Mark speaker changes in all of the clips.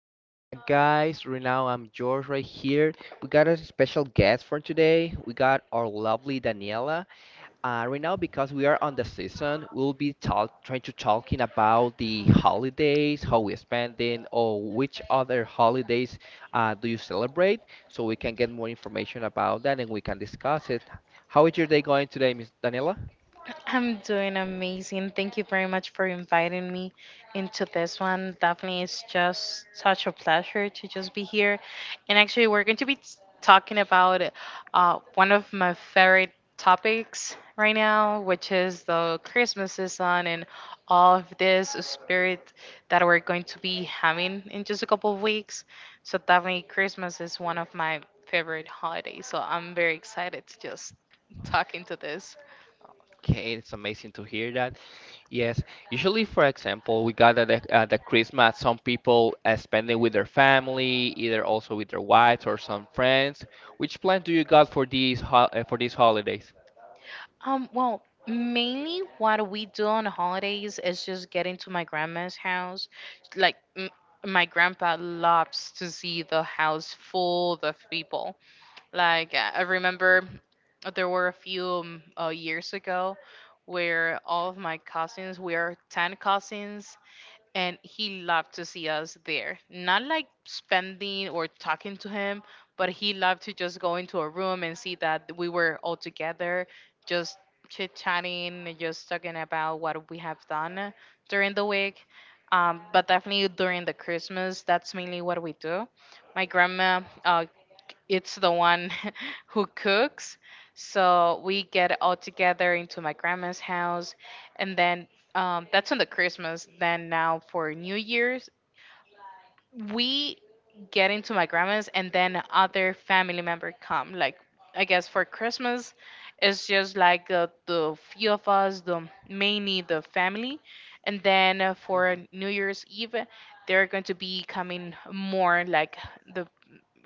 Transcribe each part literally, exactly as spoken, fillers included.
Speaker 1: being back, guys. Right now, I'm George right here. We got a special guest for today. We got our lovely Daniela. Uh, right now, because we are on the season, we'll be talk trying to talking about the holidays, how we're spending, or which other holidays uh, do you celebrate, so we can get more information about that and we can discuss it. How is your day going today, Miss Daniela?
Speaker 2: I'm doing amazing. Thank you very much for inviting me into this one. Definitely, it's just such a pleasure to just be here. And actually, we're going to be s- talking about uh, one of my favorite topics right now, which is the Christmas season and all of this spirit that we're going to be having in just a couple of weeks. So, definitely, Christmas is one of my favorite holidays. So, I'm very excited to just talk into this.
Speaker 1: Okay, it's amazing to hear that. Yes, usually, for example, we got at the, at the Christmas, some people uh, spend it with their family, either also with their wives or some friends. Which plan do you got for these ho uh, for these holidays?
Speaker 2: Um, well, mainly what we do on the holidays is just get into my grandma's house. Like, m- my grandpa loves to see the house full of people. Like, uh, I remember there were a few um, uh, years ago where all of my cousins, we are ten cousins, and he loved to see us there. Not like spending or talking to him, but he loved to just go into a room and see that we were all together, just chit chatting, and just talking about what we have done during the week. Um, but definitely during the Christmas, that's mainly what we do. My grandma uh, it's the one who cooks. So we get all together into my grandma's house, and then um, that's on the Christmas. Then now for New Year's, we get into my grandma's, and then other family member come. Like I guess for Christmas, it's just like uh, the few of us, the mainly the family, and then uh, for
Speaker 1: Mhm.
Speaker 2: New Year's Eve, they're going to be coming more like the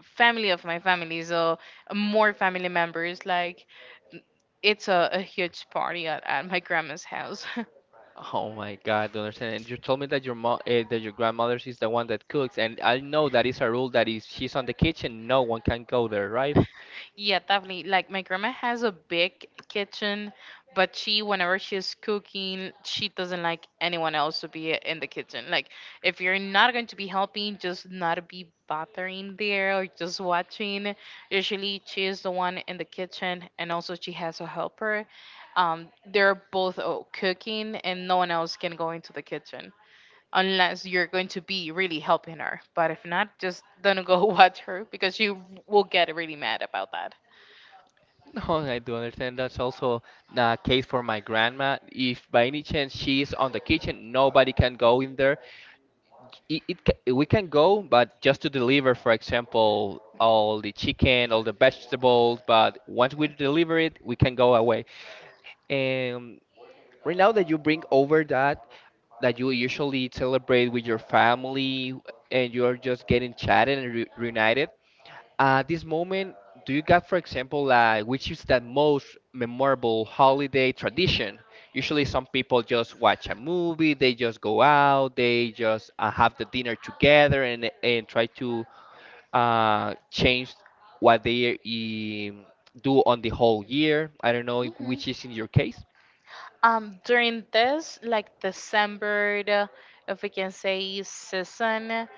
Speaker 2: family of my family, so more family members. Like it's a, a huge party at, at my grandma's house.
Speaker 1: Oh my God, I don't understand. And you told me that your mom, uh, that your grandmother is the one that cooks, and I know that is a rule that is she's on the kitchen, no one can go there, right?
Speaker 2: Yeah, definitely. Like my grandma has a big kitchen, but she whenever she's cooking, she doesn't like anyone else to be in the kitchen. Like if you're not going to be helping, just not be bothering there or just watching. Usually she is the one in the kitchen, and also she has a helper, um, they're both uh, cooking and no one else can go into the kitchen, unless you're going to be really helping her. But if not, just don't go watch her because you will get really mad about that.
Speaker 1: No, I do understand. That's also the case for my grandma. If by any chance she's on the kitchen, nobody can go in there. It, it ca- we can go, but just to deliver, for example, all the chicken, all the vegetables. But once we deliver it, we can go away. And right now that you bring over that, that you usually celebrate with your family and you're just getting chatted and re reunited. At this moment, do you got, for example, like which is that most memorable holiday tradition? Usually, some people just watch a movie, they just go out, they just uh, have the dinner together, and and try to uh, change what they um, do on the whole year. I don't know
Speaker 2: Hmm.
Speaker 1: which is in your case.
Speaker 2: Um, during this, like December, the- if we can say season,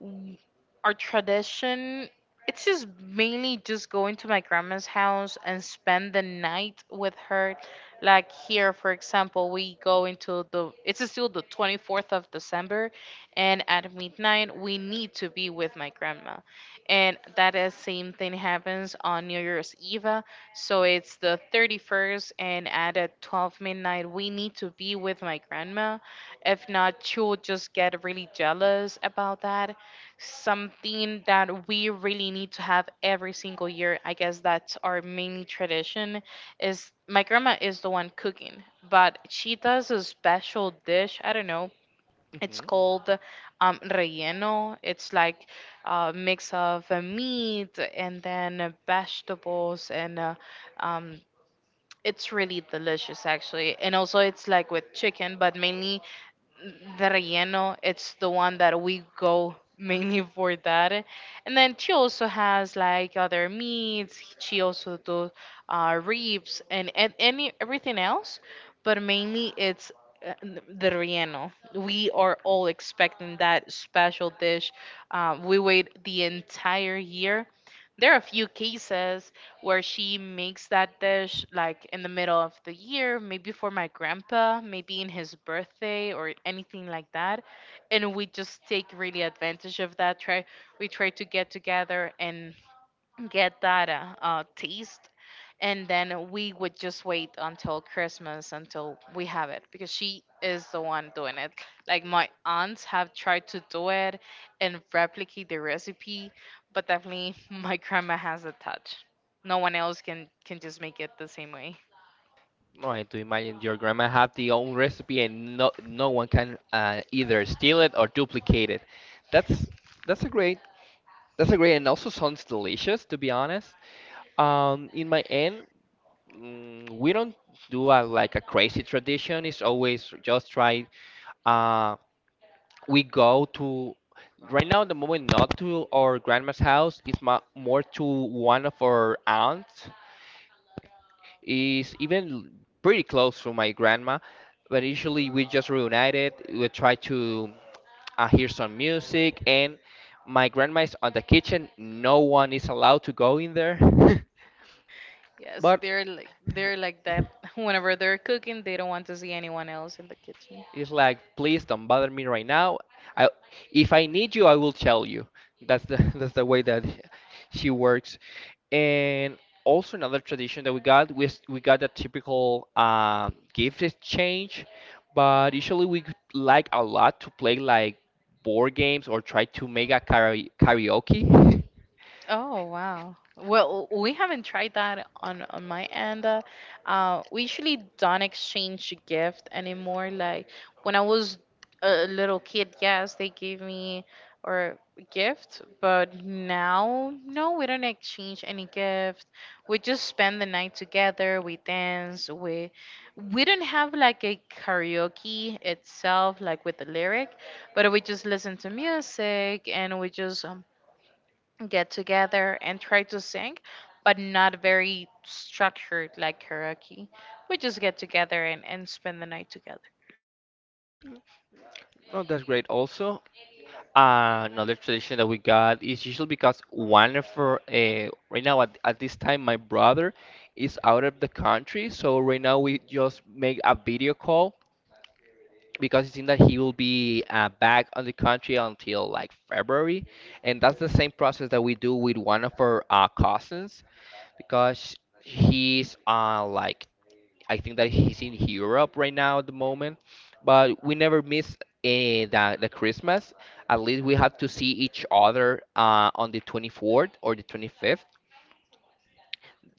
Speaker 2: w- our tradition, it's just mainly just going to my grandma's house and spend the night with her. Like here, for example, we go into the, it's still the twenty-fourth of December, and at midnight, we need to be with my grandma. And that is same thing happens on New Year's Eve. So it's the thirty-first, and at uh, twelve midnight, we need to be with my grandma. If not, she'll just get really jealous about that. Something that we really need to have every single year. I guess that's our main tradition. Is my grandma is the one cooking, but she does a special dish. I don't know, it's
Speaker 1: hmm
Speaker 2: called um, relleno. It's like a mix of uh, meat and then uh, vegetables, and uh, um, it's really delicious actually. And also, it's like with chicken, but mainly the relleno. It's the one that we go mainly for that. And then she also has like other meats. She also does uh, ribs and, and any everything else, but mainly it's uh, n- the relleno. We are all expecting that special dish. Uh, we wait the entire year. There are a few cases where she makes that dish like in the middle of the year, maybe for my grandpa, maybe in his birthday or anything like that. And we just take really advantage of that. Try We try to get together and get that uh, uh, taste, and then we would just wait until christmas until we have it because she is the one doing it. Like my aunts have tried to do it and replicate the recipe, but definitely my grandma has a touch. No one else can can just make it the same way.
Speaker 1: No, I do imagine your grandma have the own recipe and no no one can uh, either steal it or duplicate it. That's that's a great. That's A great and also sounds delicious, to be honest. Um, in my end, mm, we don't do a, like a crazy tradition. It's always just try. Uh, we go to right now at the moment not to our grandma's house. It's ma more to one of our aunts is even pretty close to my grandma, but usually we just reunited. We try to uh, hear some music, and my grandma is on the kitchen. No one is allowed to go in there,
Speaker 2: Yes,
Speaker 1: but
Speaker 2: they're like they're like that. Whenever they're cooking, they don't want to see anyone else in the kitchen.
Speaker 1: it's like, please don't bother me right now. I, if I need you, I will tell you. That's the that's the way that she works. And also another tradition that we got was we got a typical um, gift exchange, but usually we like a lot to play like board games or try to make a kara- karaoke.
Speaker 2: Oh wow. Well, we haven't tried that on on my end. Uh, uh, we usually don't exchange gift anymore. Like when I was a little kid, yes, they gave me or gift, but now no, we don't exchange any gift. We just spend the night together. We dance. We we don't have like a karaoke itself, like with the lyric, but we just listen to music and we just um, get together and try to sing, but not very structured like karaoke. We just get together and, and spend the night together.
Speaker 1: Oh, that's great also. Another tradition that we got is usually because one of our, uh, right now at, at this time my brother is out of the country, so right now we just make a video call because it seems that he will be uh, back on the country until like February, and that's the same process that we do with one of our uh, cousins because he's uh like I think that he's in Europe right now at the moment, but we never miss eh, the, the Christmas. At least we have to see each other uh, on the twenty-fourth or the twenty-fifth.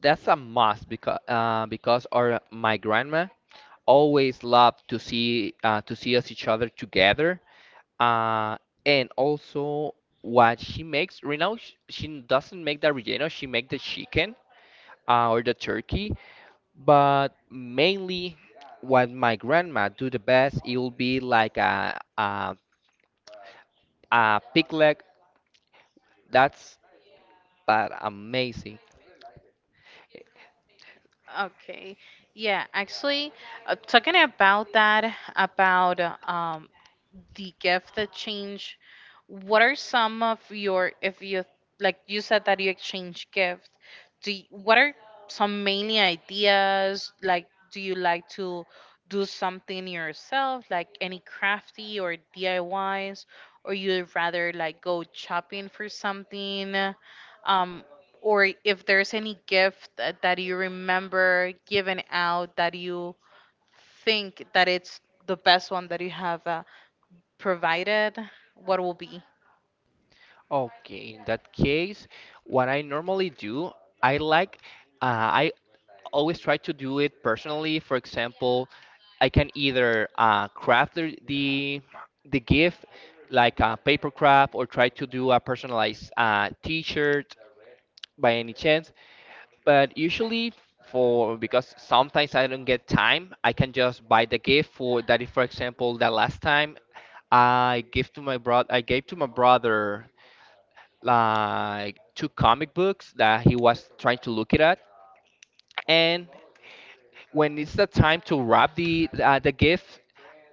Speaker 1: That's a must because uh, because our my grandma always loved to see uh, to see us each other together. Uh, and also what she makes right now, sh- she doesn't make the relleno. She make the chicken uh, or the turkey, but mainly, what my grandma do the best, it will be like a a, a pig leg. That's but amazing.
Speaker 2: Okay. Yeah, actually, uh, talking about that, about um, the gift that change. What are some of your, if you, like you said that you exchange gift, do you, what are some mainly ideas? Like, do you like to do something yourself, like any crafty or D I Ys, or you'd rather like go shopping for something? Um, or if there's any gift that, that you remember giving out that you think that it's the best one that you have uh, provided, what will be?
Speaker 1: Okay, in that case, what I normally do, I like, uh, I always try to do it personally. For example, I can either uh, craft the, the the gift like a paper craft or try to do a personalized uh, T-shirt by any chance. But usually for because sometimes I don't get time, I can just buy the gift for that, if for example, that last time I gave to my brother I gave to my brother like two comic books that he was trying to look it at and when it's the time to wrap the uh, the gift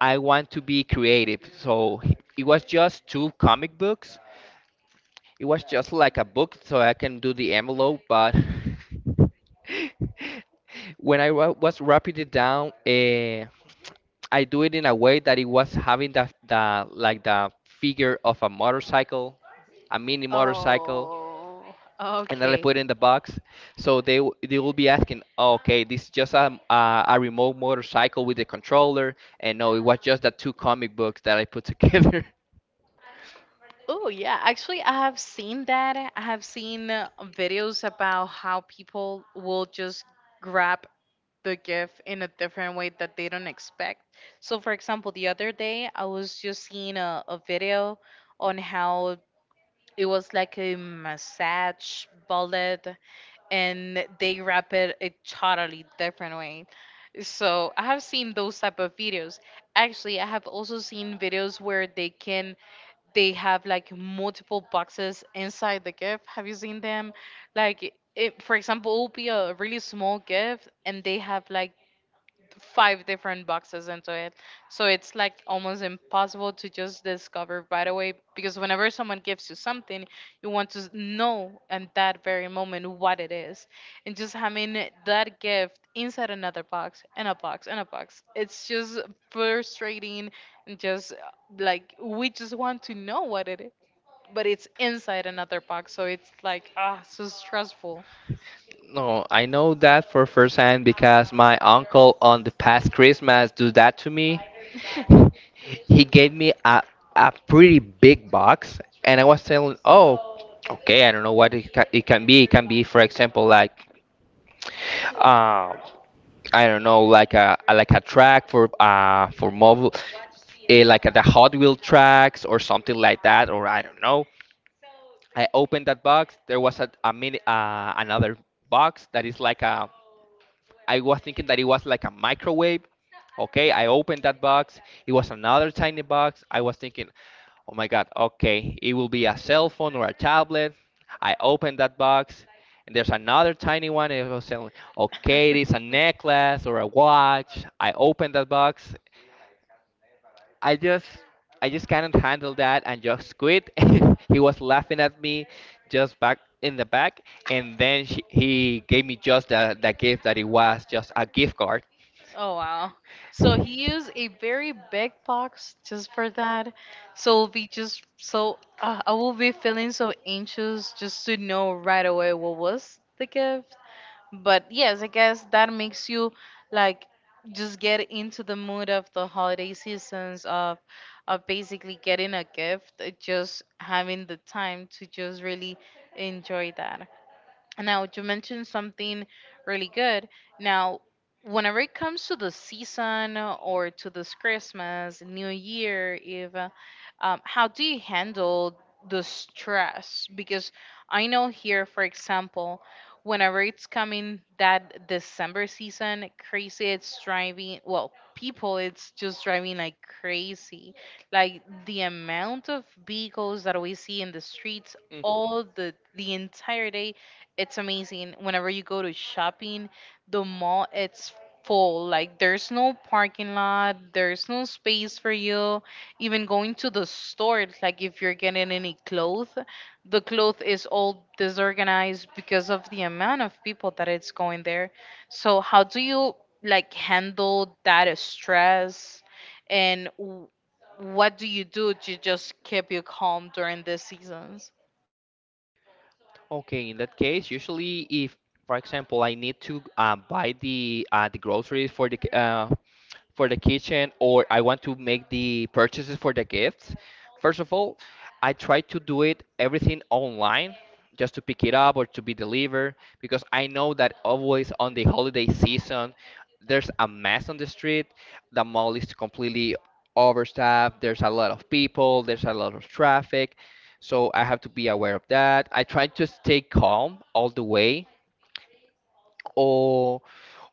Speaker 1: I want to be creative. So it was just two comic books. It was just like a book, so I can do the envelope, but when I wa- was wrapping it down, uh, I do it in a way that it was having the, the like the figure of a motorcycle, a mini motorcycle,
Speaker 2: Oh,
Speaker 1: and then I
Speaker 2: okay.
Speaker 1: put it in the box. So they w- they will be asking, "Oh, okay, this is just a, a a remote motorcycle with a controller," and no, it was just the two comic books that I put together.
Speaker 2: Oh, yeah. Actually, I have seen that. I have seen uh, videos about how people will just grab the gift in a different way that they don't expect. So, for example, the other day I was just seeing a, a video on how it was like a massage bullet and they wrap it a totally different way. So I have seen those type of videos. Actually, I have also seen videos where they can they have like multiple boxes inside the gift. Have you seen them? Like it, for example, it will be a really small gift, and they have like five different boxes into it. So it's like almost impossible to just discover right away because whenever someone gives you something, you want to s- know at that very moment what it is. And just having it- that gift inside another box and a box and a box, it's just frustrating and just uh, like we just want to know what it is. But it's inside another box, so it's like ah, so stressful.
Speaker 1: No, I know that for first hand because my uncle on the past Christmas do that to me. He gave me a a pretty big box, and I was telling, oh, okay, I don't know what it, ca it can be. It can be, for example, like, uh, I don't know, like a like a track for uh for mobile, eh, like the Hot Wheel tracks or something like that, or I don't know. I opened that box. There was a, a mini uh, another box that is like a I was thinking that it was like a microwave. Okay, I opened that box. It was another tiny box. I was thinking, oh my god, okay, it will be a cell phone or a tablet. I opened that box, and there's another tiny one. It was saying, okay, it is a necklace or a watch. I opened that box. I just, I just cannot handle that and just quit. He was laughing at me, just back in the back, and then she, he gave me just the, the gift that it was just a gift card.
Speaker 2: Oh wow. So he used a very big box just for that. So we just so uh, I will be feeling so anxious just to know right away what was the gift. But yes, I guess that makes you like just get into the mood of the holiday seasons of of basically getting a gift, uh, just having the time to just really enjoy that. Now, you mentioned something really good. Now, whenever it comes to the season or to this Christmas, New Year, even, um, how do you handle the stress? Because I know here, for example, whenever it's coming that December season, crazy, it's driving, well, people, it's just driving like crazy. Like the amount of vehicles that we see in the streets
Speaker 1: Mhm.
Speaker 2: all the the entire day, it's amazing. Whenever you go to shopping, the mall it's full. Like there's no parking lot, there's no space for you. Even going to the store, it's like if you're getting any clothes, the cloth is all disorganized because of the amount of people that it's going there. So how do you like handle that stress and w- what do you do to just keep you calm during these seasons?
Speaker 1: Okay, in that case, usually if, for example, I need to uh, buy the uh, the groceries for the ki- uh, for the kitchen, or I want to make the purchases for the gifts, first of all, I try to do it everything online just to pick it up or to be delivered because I know that always on the holiday season there's a mess on the street. The mall is completely overstaffed. There's a lot of people. There's a lot of traffic. So I have to be aware of that. I try to stay calm all the way or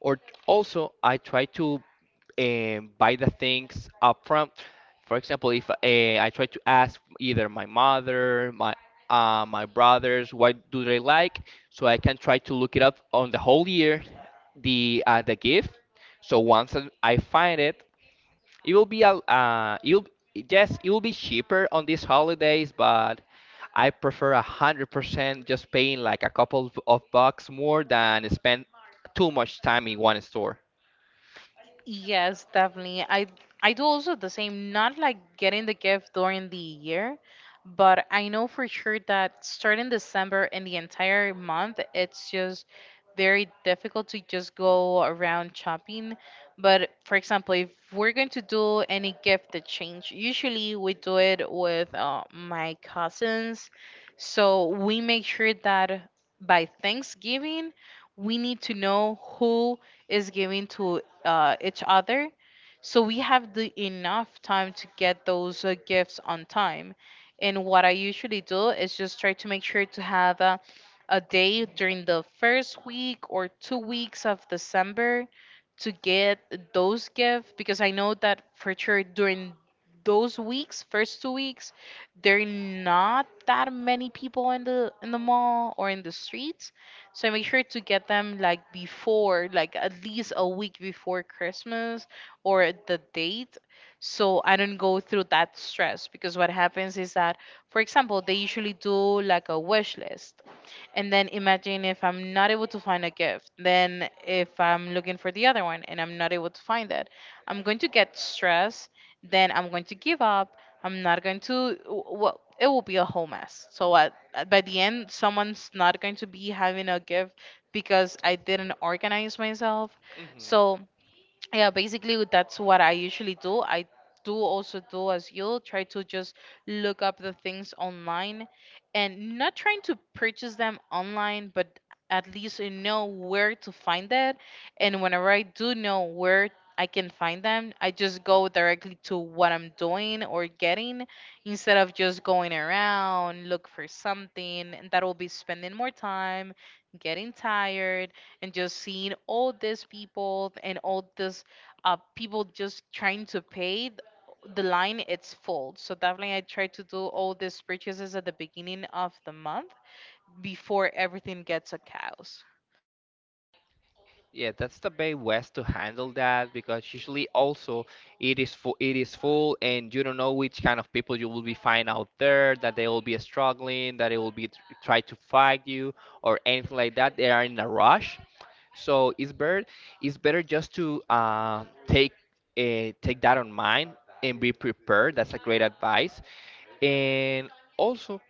Speaker 1: or also I try to um, buy the things up front. For example, if uh, I try to ask either my mother, my uh, my brothers, what do they like, so I can try to look it up on the whole year, the uh, the gift. So once I I find it, it will be a uh, you'll yes, it will be cheaper on these holidays, but I prefer a hundred percent just paying like a couple of of bucks more than spend too much time in one store.
Speaker 2: Yes, definitely. I I do also the same, not like getting the gift during the year, but I know for sure that starting December and the entire month, it's just very difficult to just go around shopping. But for example, if we're going to do any gift exchange, usually we do it with uh, my cousins. So we make sure that by Thanksgiving, we need to know who is giving to uh, each other. So we have the enough time to get those uh, gifts on time. And what I usually do is just try to make sure to have a, a day during the first week or two weeks of December to get those gifts because I know that for sure during those weeks, first two weeks, there are not that many people in the in the mall or in the streets. So make sure to get them like before, like at least a week before Christmas or the date. So I don't go through that stress because what happens is that, for example, they usually do like a wish list and then imagine if I'm not able to find a gift, then if I'm looking for the other one and I'm not able to find it, I'm going to get stressed. Then I'm going to give up. I'm not going to, w- well, it will be a whole mess. So at, at- by the end, someone's not going to be having a gift because I didn't organize myself.
Speaker 1: hmm
Speaker 2: So yeah, basically that's what I usually do. I do also do as you try to just look up the things online and not trying to purchase them online, but at least you know where to find it. And whenever I do know where I can find them, I just go directly to what I'm doing or getting instead of just going around look for something, and that will be spending more time, getting tired, and just seeing all these people and all this uh, people just trying to pay th- the line, it's full. So definitely I try to do all these purchases at the beginning of the month before everything gets a chaos.
Speaker 1: Yeah, that's the best way to handle that because usually also it is full, it is full, and you don't know which kind of people you will be find out there that they will be struggling, that they will be tr- try to fight you or anything like that. They are in a rush, so it's better it's better just to uh, take uh, take that on mind and be prepared. That's a great advice, and also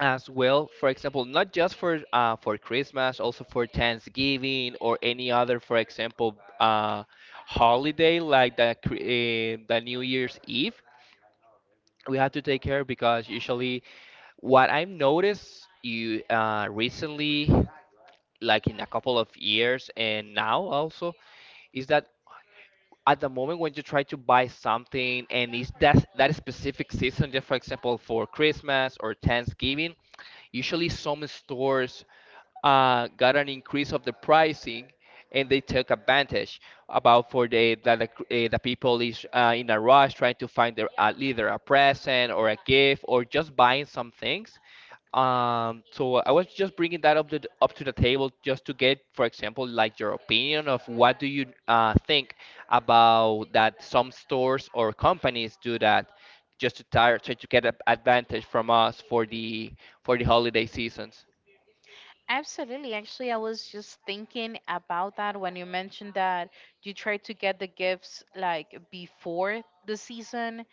Speaker 1: as well for example not just for uh, for Christmas, also for Thanksgiving or any other for example uh, holiday like the, cr- eh, the New Year's Eve, we have to take care because usually what I've noticed you uh, recently like in a couple of years and now also is that at the moment when you try to buy something and it's that that specific season just for example for Christmas or Thanksgiving. Usually, some stores uh, got an increase of the pricing and they took advantage about for the that the, uh, the people is uh, in a rush trying to find their uh, either a present or a gift or just buying some things. Um, so I was just bringing that up to the, up to the table just to get, for example, like your opinion of what do you uh, think about that some stores or companies do that just to tire, try to get a advantage from us for the for the holiday seasons.
Speaker 2: Absolutely. Actually, I was just thinking about that when you mentioned that you try to get the gifts like before the season.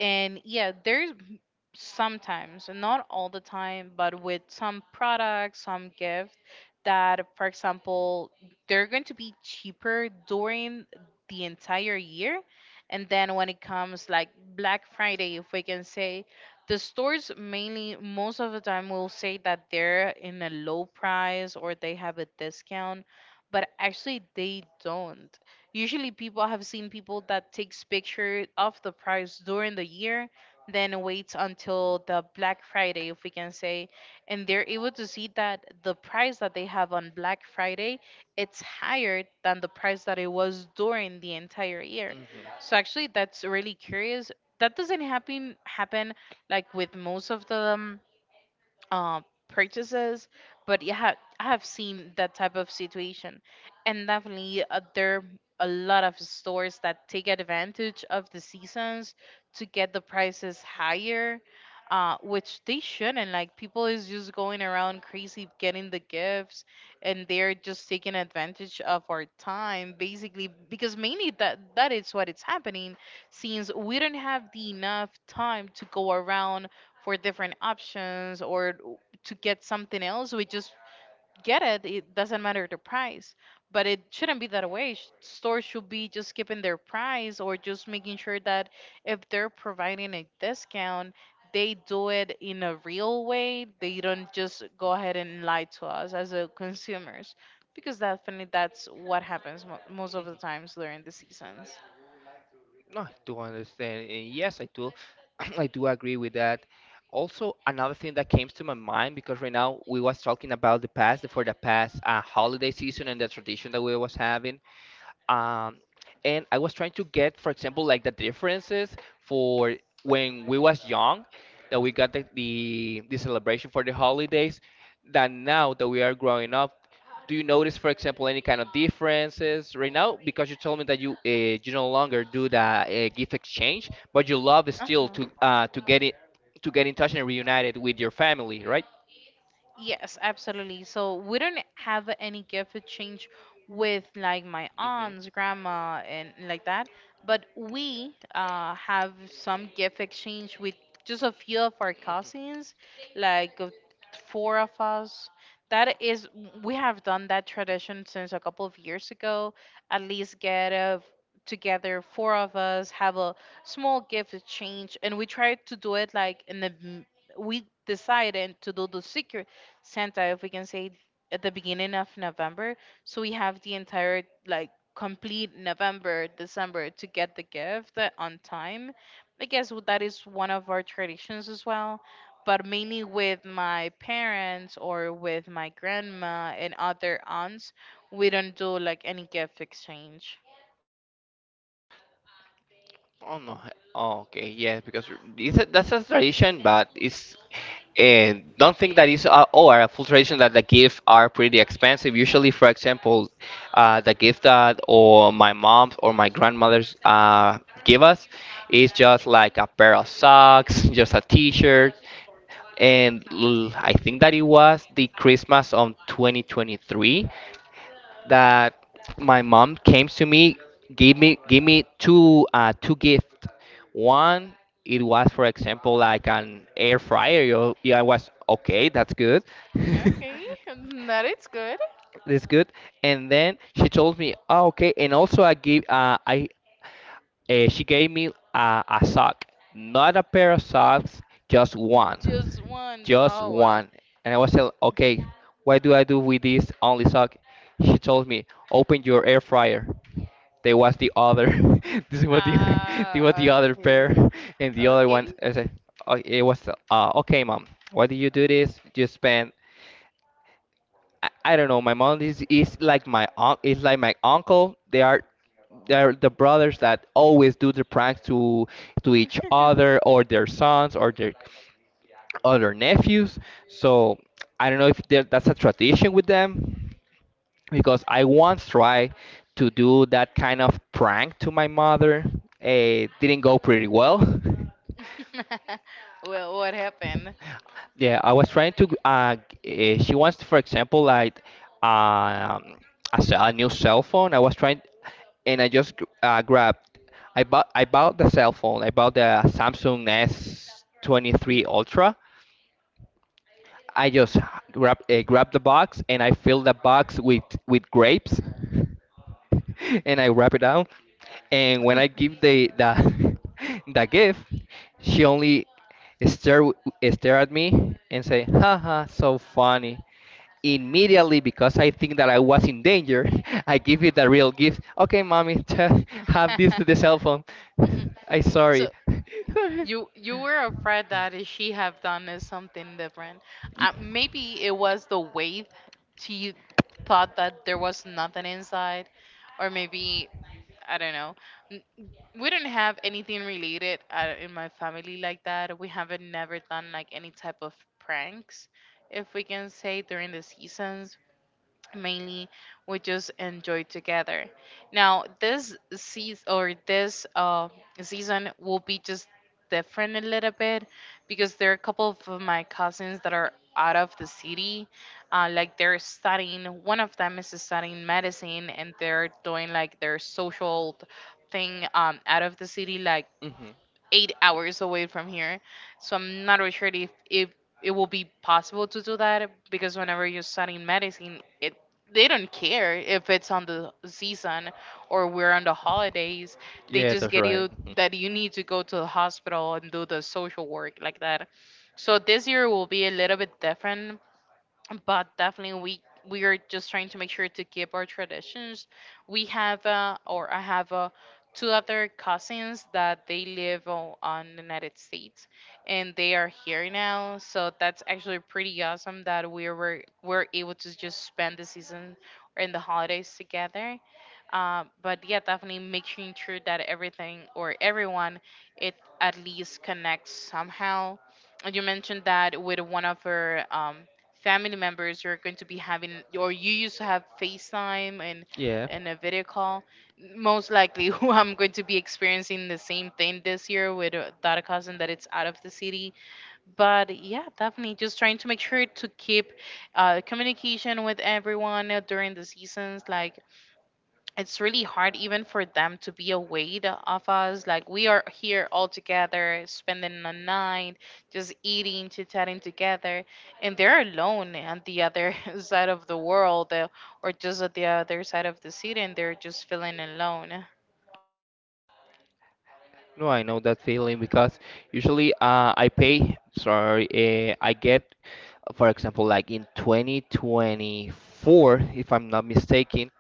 Speaker 2: And yeah, there's m- sometimes, not all the time, but with some products, some gifts that, for example, they're going to be cheaper during the entire year. And then when it comes like Black Friday, if we can say, the stores mainly most of the time will say that they're in a low price or they have a discount, but actually they don't. Usually people have seen people that takes picture of the price during the year, then waits until the Black Friday, if we can say, and they're able to see that the price that they have on Black Friday, it's higher than the price that it was during the entire year.
Speaker 1: hmm
Speaker 2: So actually that's really curious, that doesn't happen happen like with most of the um, uh, purchases. But yeah, ha- I have seen that type of situation, and definitely uh, there are a lot of stores that take advantage of the seasons to get the prices higher. Uh, which they shouldn't. Like people is just going around crazy getting the gifts, and they're just taking advantage of our time basically, because mainly that that is what it's happening, since we don't have the enough time to go around for different options or to get something else. We just get it, it doesn't matter the price. But it shouldn't be that way. Sh- stores should be just keeping their price or just making sure that if they're providing a discount, they do it in a real way. They don't just go ahead and lie to us as a consumers, because definitely that's what happens mo- most of the times during the seasons.
Speaker 1: No, I do understand, and yes, I do. I do agree with that. Also, another thing that came to my mind, because right now we was talking about the past, for the past uh, holiday season and the tradition that we was having. Um, and I was trying to get, for example, like the differences for when we was young, that we got the, the the celebration for the holidays, that now that we are growing up, do you notice, for example, any kind of differences right now? Because you told me that you uh, you no longer do the uh, gift exchange, but you love
Speaker 2: Uh
Speaker 1: still
Speaker 2: huh.
Speaker 1: to uh, to get it to get in touch and reunited with your family, right?
Speaker 2: Yes, absolutely. So we don't have any gift exchange with like my
Speaker 1: Mm-hmm.
Speaker 2: aunts, grandma, and like that. But we uh, have some gift exchange with just a few of our cousins, like uh, four of us. That is, we have done that tradition since a couple of years ago. At least get a together, four of us have a small gift exchange, and we try to do it like in the m- we decided to do the secret Santa, if we can say, at the beginning of November. So we have the entire like complete November, December to get the gift uh, on time. I guess w- that is one of our traditions as well. But mainly with my parents or with my grandma and other aunts, we don't do like any gift exchange.
Speaker 1: Oh no. Oh, okay. Yeah, because it's a, that's a tradition, but it's, and don't think that is uh, or a full tradition that the gifts are pretty expensive. Usually, for example, uh, the gift that or my mom's or my grandmother's uh, give us is just like a pair of socks, just a T-shirt, and l- I think that it was the Christmas of twenty twenty-three, that my mom came to me, gave me gave me two uh, two gifts. One, it was, for example, like an air fryer. Yo, yeah, I was okay, that's good.
Speaker 2: Okay, that is good.
Speaker 1: It's good. And then she told me, "Oh, okay." And also, I gave uh, I uh, she gave me a, a sock, not a pair of socks, just
Speaker 2: Just
Speaker 1: one,
Speaker 2: once.
Speaker 1: just
Speaker 2: Oh wow.
Speaker 1: one. And I was like, "Okay, what do I do with this only sock?" She told me, "Open your air fryer." There was the other. This was the there was the
Speaker 2: Ah,
Speaker 1: other pair,
Speaker 2: okay.
Speaker 1: and the other one.
Speaker 2: Okay.
Speaker 1: I said, oh, "It was uh, okay, mom. Why do you do this? You spend." I, I don't know. My mom is, is like my un is like my uncle. They are they're the brothers that always do the pranks to to each other or their sons or their other nephews. So I don't know if there- that's a tradition with them, because I once tried to do that kind of prank to my mother. It didn't go pretty well.
Speaker 2: Well, what happened?
Speaker 1: Yeah, I was trying to. Uh, g- eh, she wants, for example, like um, a, ce- a new cell phone. I was trying, and I just gr- uh, grabbed. I bought. I bought the cell phone. I bought the Samsung S twenty-three Ultra, I just grab uh, grab the box and I fill the box with with grapes, and I wrap it down. And when I give the the the gift, she only stare stare at me and say, "Haha, so funny." Immediately, because I think that I was in danger, I give you the real gift. Okay, mommy, t- have this to the cell phone. I sorry.
Speaker 2: So you you were afraid that if she have done is something different.
Speaker 1: Ye-
Speaker 2: Uh, maybe it was the wave. She thought that there was nothing inside, or maybe I don't know. N- We don't have anything related uh, in my family like that. We haven't never done like any type of pranks, if we can say during the seasons. Mainly we just enjoy together. Now this season or this uh, season will be just different a little bit, because there are a couple of my cousins that are out of the city, uh, like they're studying. One of them is studying medicine and they're doing like their social thing, um, out of the city, like
Speaker 1: Mhm.
Speaker 2: eight hours away from here. So I'm not really sure if, if it will be possible to do that, because whenever you're studying medicine, it they don't care if it's on the season or we're on the holidays. They
Speaker 1: Yeah,
Speaker 2: just
Speaker 1: that's
Speaker 2: get you
Speaker 1: right. Mm-hmm.
Speaker 2: that you need to go to the hospital and do the social work like that. So this year will be a little bit different, but definitely we we are just trying to make sure to keep our traditions. We have uh, or I have uh, two other cousins that they live o- on the United States, and they are here now. So that's actually pretty awesome that we were were able to just spend the season and the holidays together. Uh, but yeah, definitely making sure that everything or everyone, it at least connects somehow. And you mentioned that with one of her um, family members you're going to be having or you used to have FaceTime and
Speaker 1: Yeah,
Speaker 2: and a video call most likely. Who I'm going to be experiencing the same thing this year with uh, that cousin that it's out of the city. But yeah, definitely just trying to make sure to keep uh, communication with everyone uh, during the seasons. Like it's really hard even for them to be aware of us. Like we are here all together, spending the night, just eating, chit chatting together, and they're alone on the other side of the world, uh, or just at the other side of the city, and they're just feeling alone.
Speaker 1: no, I know that feeling because usually uh, I pay, sorry, uh, I get, for example, like in twenty twenty-four, if I'm not mistaken,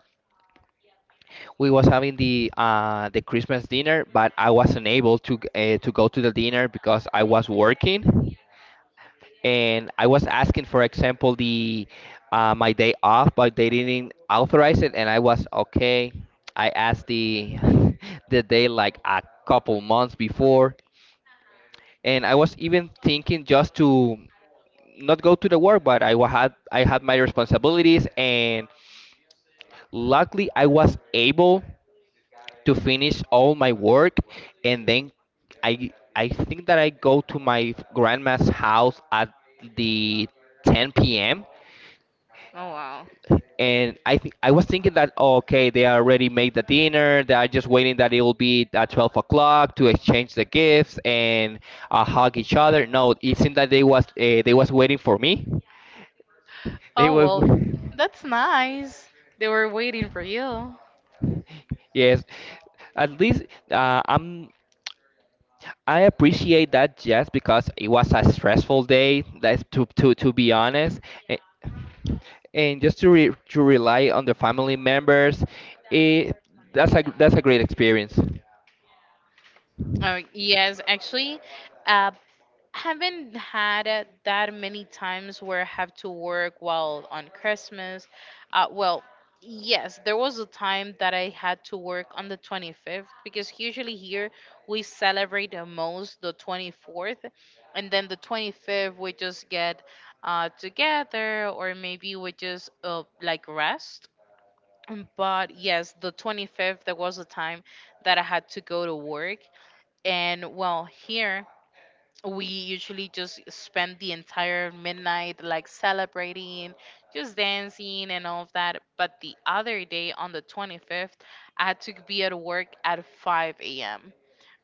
Speaker 1: we was having the uh, the Christmas dinner, but I wasn't able to g- uh, to go to the dinner because I was working. And I was asking, for example, the uh, my day off, but they didn't authorize it, and I was okay. I asked the the day like a couple months before, and I was even thinking just to not go to the work, but I wa- had I had my responsibilities, and luckily I was able to finish all my work, and then I I think that I go to my grandma's house at the ten p m
Speaker 2: Oh wow.
Speaker 1: And I think I was thinking that, oh, okay, they already made the dinner, they are just waiting that it will be at twelve o'clock to exchange the gifts and uh, hug each other. No, it seemed that they was uh, they was waiting for me, they
Speaker 2: Oh
Speaker 1: were
Speaker 2: well, that's nice. They were waiting for you.
Speaker 1: yes, at least uh, I'm I appreciate that, just because it was a stressful day. That's to to to be honest, and, and just to re, to rely on the family members, it that's a that's a great experience.
Speaker 2: Oh, yes, actually, uh, haven't had it that many times where I have to work while on Christmas. Uh, well, yes, there was a time that I had to work on the twenty-fifth, because usually here we celebrate the most the twenty-fourth, and then the twenty-fifth we just get uh, together, or maybe we just uh, like rest. Um, But yes, the twenty-fifth, there was a time that I had to go to work. And well, here we usually just spend the entire midnight like celebrating, just dancing and all of that. But the other day on the twenty-fifth, I had to be at work at five a m.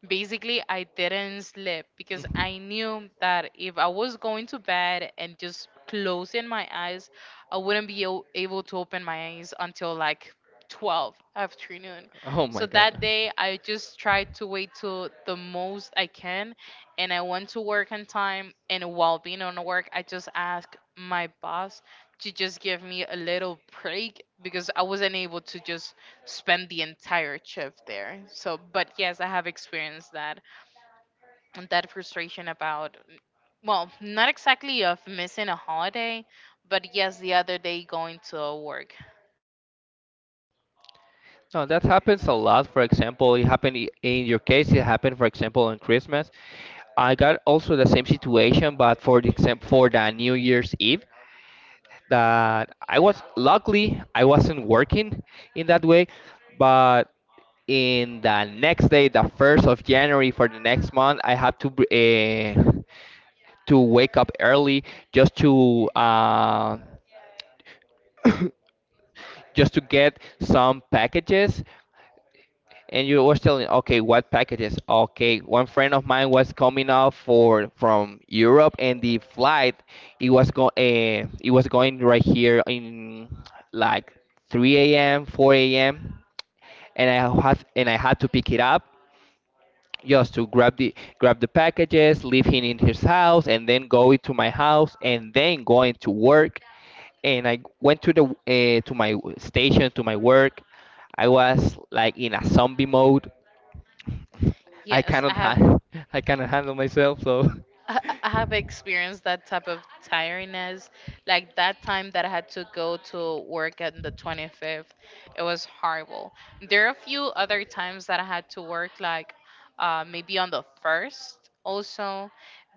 Speaker 2: Basically, I didn't sleep because
Speaker 1: Mm.
Speaker 2: I knew that if I was going to bed and just closing my eyes, I wouldn't be o- able to open my eyes until like twelve afternoon.
Speaker 1: Oh
Speaker 2: So
Speaker 1: my
Speaker 2: that
Speaker 1: God.
Speaker 2: day, I just try to wait till the most I can, and I went to work on time. And while being on work, I just asked my boss to just give me a little break, because I wasn't able to just spend the entire shift there. So, but yes, I have experienced that and that frustration about, well, not exactly of missing a holiday, but yes, the other day going to work.
Speaker 1: No, that happens a lot. For example, it happened i- in your case. It happened, for example, on Christmas. I got also the same situation, but for the exam for the New Year's Eve. That I was luckily I wasn't working in that way, but in the next day, the first of January for the next month, I had to uh, to wake up early just to uh, just to get some packages, and you was telling, okay, what packages? Okay, one friend of mine was coming out for from Europe, and the flight it was going uh, it was going right here in like three a.m. four a.m. And i had and I had to pick it up just to grab the grab the packages, leave him in his house, and then go into my house, and then going to work. And I went to the uh, to my station to my work. I was like in a zombie mode. I
Speaker 2: Yes, I
Speaker 1: cannot
Speaker 2: have
Speaker 1: ha I cannot handle myself, so
Speaker 2: I I have experienced that type of tiredness. Like that time that I had to go to work on the twenty-fifth, it was horrible. There are a few other times that I had to work, like uh, maybe on the first also.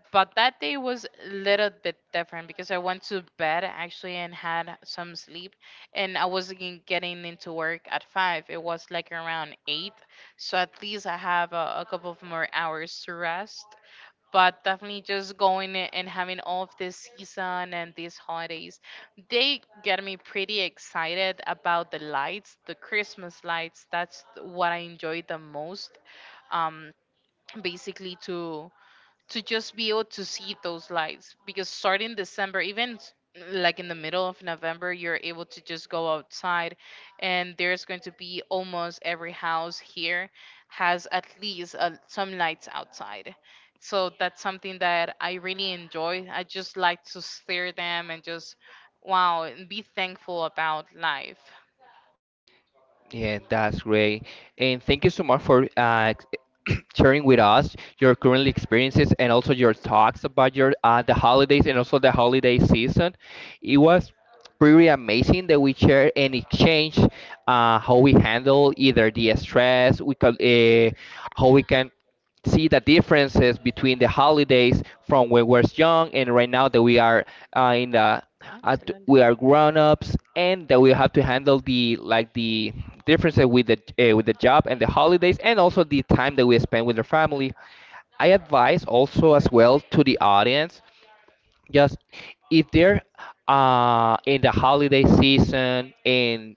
Speaker 2: But that day was a little bit different, because I went to bed actually and had some sleep. And I wasn't getting into work at five. It was like around eight. So at least I have a, a couple of more hours to rest. But definitely just going a- and having all of this season and these holidays, they get me pretty excited about the lights, the Christmas lights. That's what I enjoy the most. um Basically, to to just be able to see those lights, because starting December, even s- like in the middle of November, you're able to just go outside, and there's going to be almost every house here has at least uh, some lights outside. So that's something that I really enjoy. I just like to stare them and just wow and be thankful about life.
Speaker 1: yeah, that's great. And thank you so much for uh, sharing with us your current experiences and also your talks about your uh, the holidays and also the holiday season. It was pretty amazing that we share and exchange uh, how we handle either the stress, we can uh, how we can see the differences between the holidays from when we're young and right now that we are uh, in the at, we
Speaker 2: Absolutely.
Speaker 1: are grown ups, and that we have to handle the like the differences with the uh, with the job and the holidays, and also the time that we spend with the family. I advise also as well to the audience, just if they're uh, in the holiday season and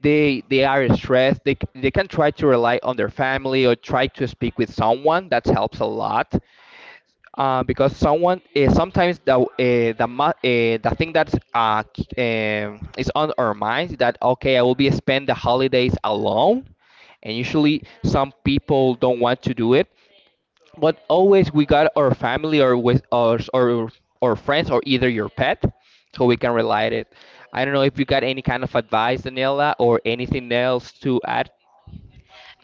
Speaker 1: they they are stressed, they, c- they can try to rely on their family or try to speak with someone that helps a lot uh, because someone uh, sometimes the uh, the mu- uh, the thing that's uh, k- um, is on our minds is that, okay, I will be spend the holidays alone, and usually some people don't want to do it, but always we got our family or with us, or or friends, or either your pet, so we can relate it. I don't know if you got any kind of advice, Daniela, or anything else to add.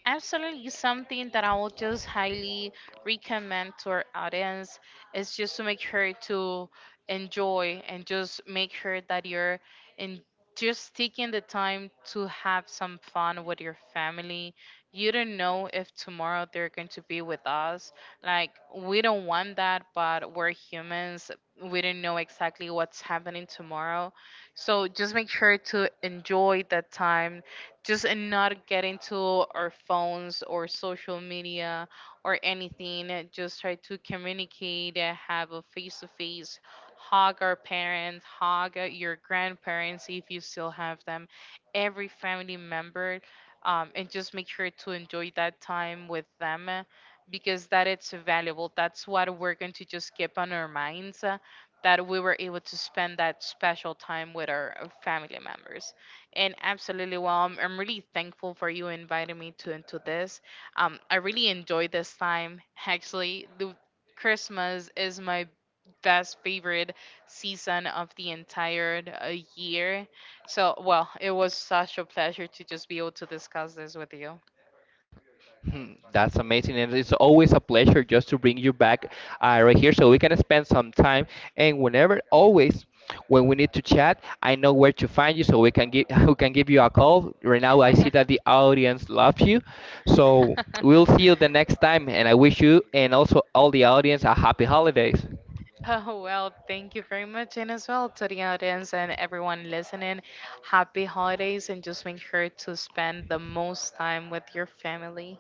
Speaker 2: Absolutely something that I would just highly recommend to our audience is just to make sure to enjoy and just make sure that you're in just taking the time to have some fun with your family. You don't know if tomorrow they're going to be with us. Like we don't want that, but we're humans. We don't know exactly what's happening tomorrow. So just make sure to enjoy that time, just and not get into our phones or social media or anything, uh, just try to communicate, uh, have a face to face, hug our parents, hug uh, your grandparents if you still have them, every family member, um, and just make sure to enjoy that time with them, uh, because that it's valuable. That's what we're going to just keep on our minds, uh, that we were able to spend that special time with our uh, family members. And absolutely, well, I'm, I'm really thankful for you inviting me to into this. Um, I really enjoyed this time. Actually, the Christmas is my best favorite season of the entire uh, year. So, well, it was such a pleasure to just be able to discuss this with you.
Speaker 1: Hmm, that's amazing, and it's always a pleasure just to bring you back uh, right here so we can spend some time. And whenever, always, when we need to chat, I know where to find you, so we can give we can give you a call. Right now, I see that the audience loves you, so we'll see you the next time. And I wish you and also all the audience a happy holidays.
Speaker 2: Oh, well, thank you very much. And as well to the audience and everyone listening, happy holidays, and just make sure to spend the most time with your family.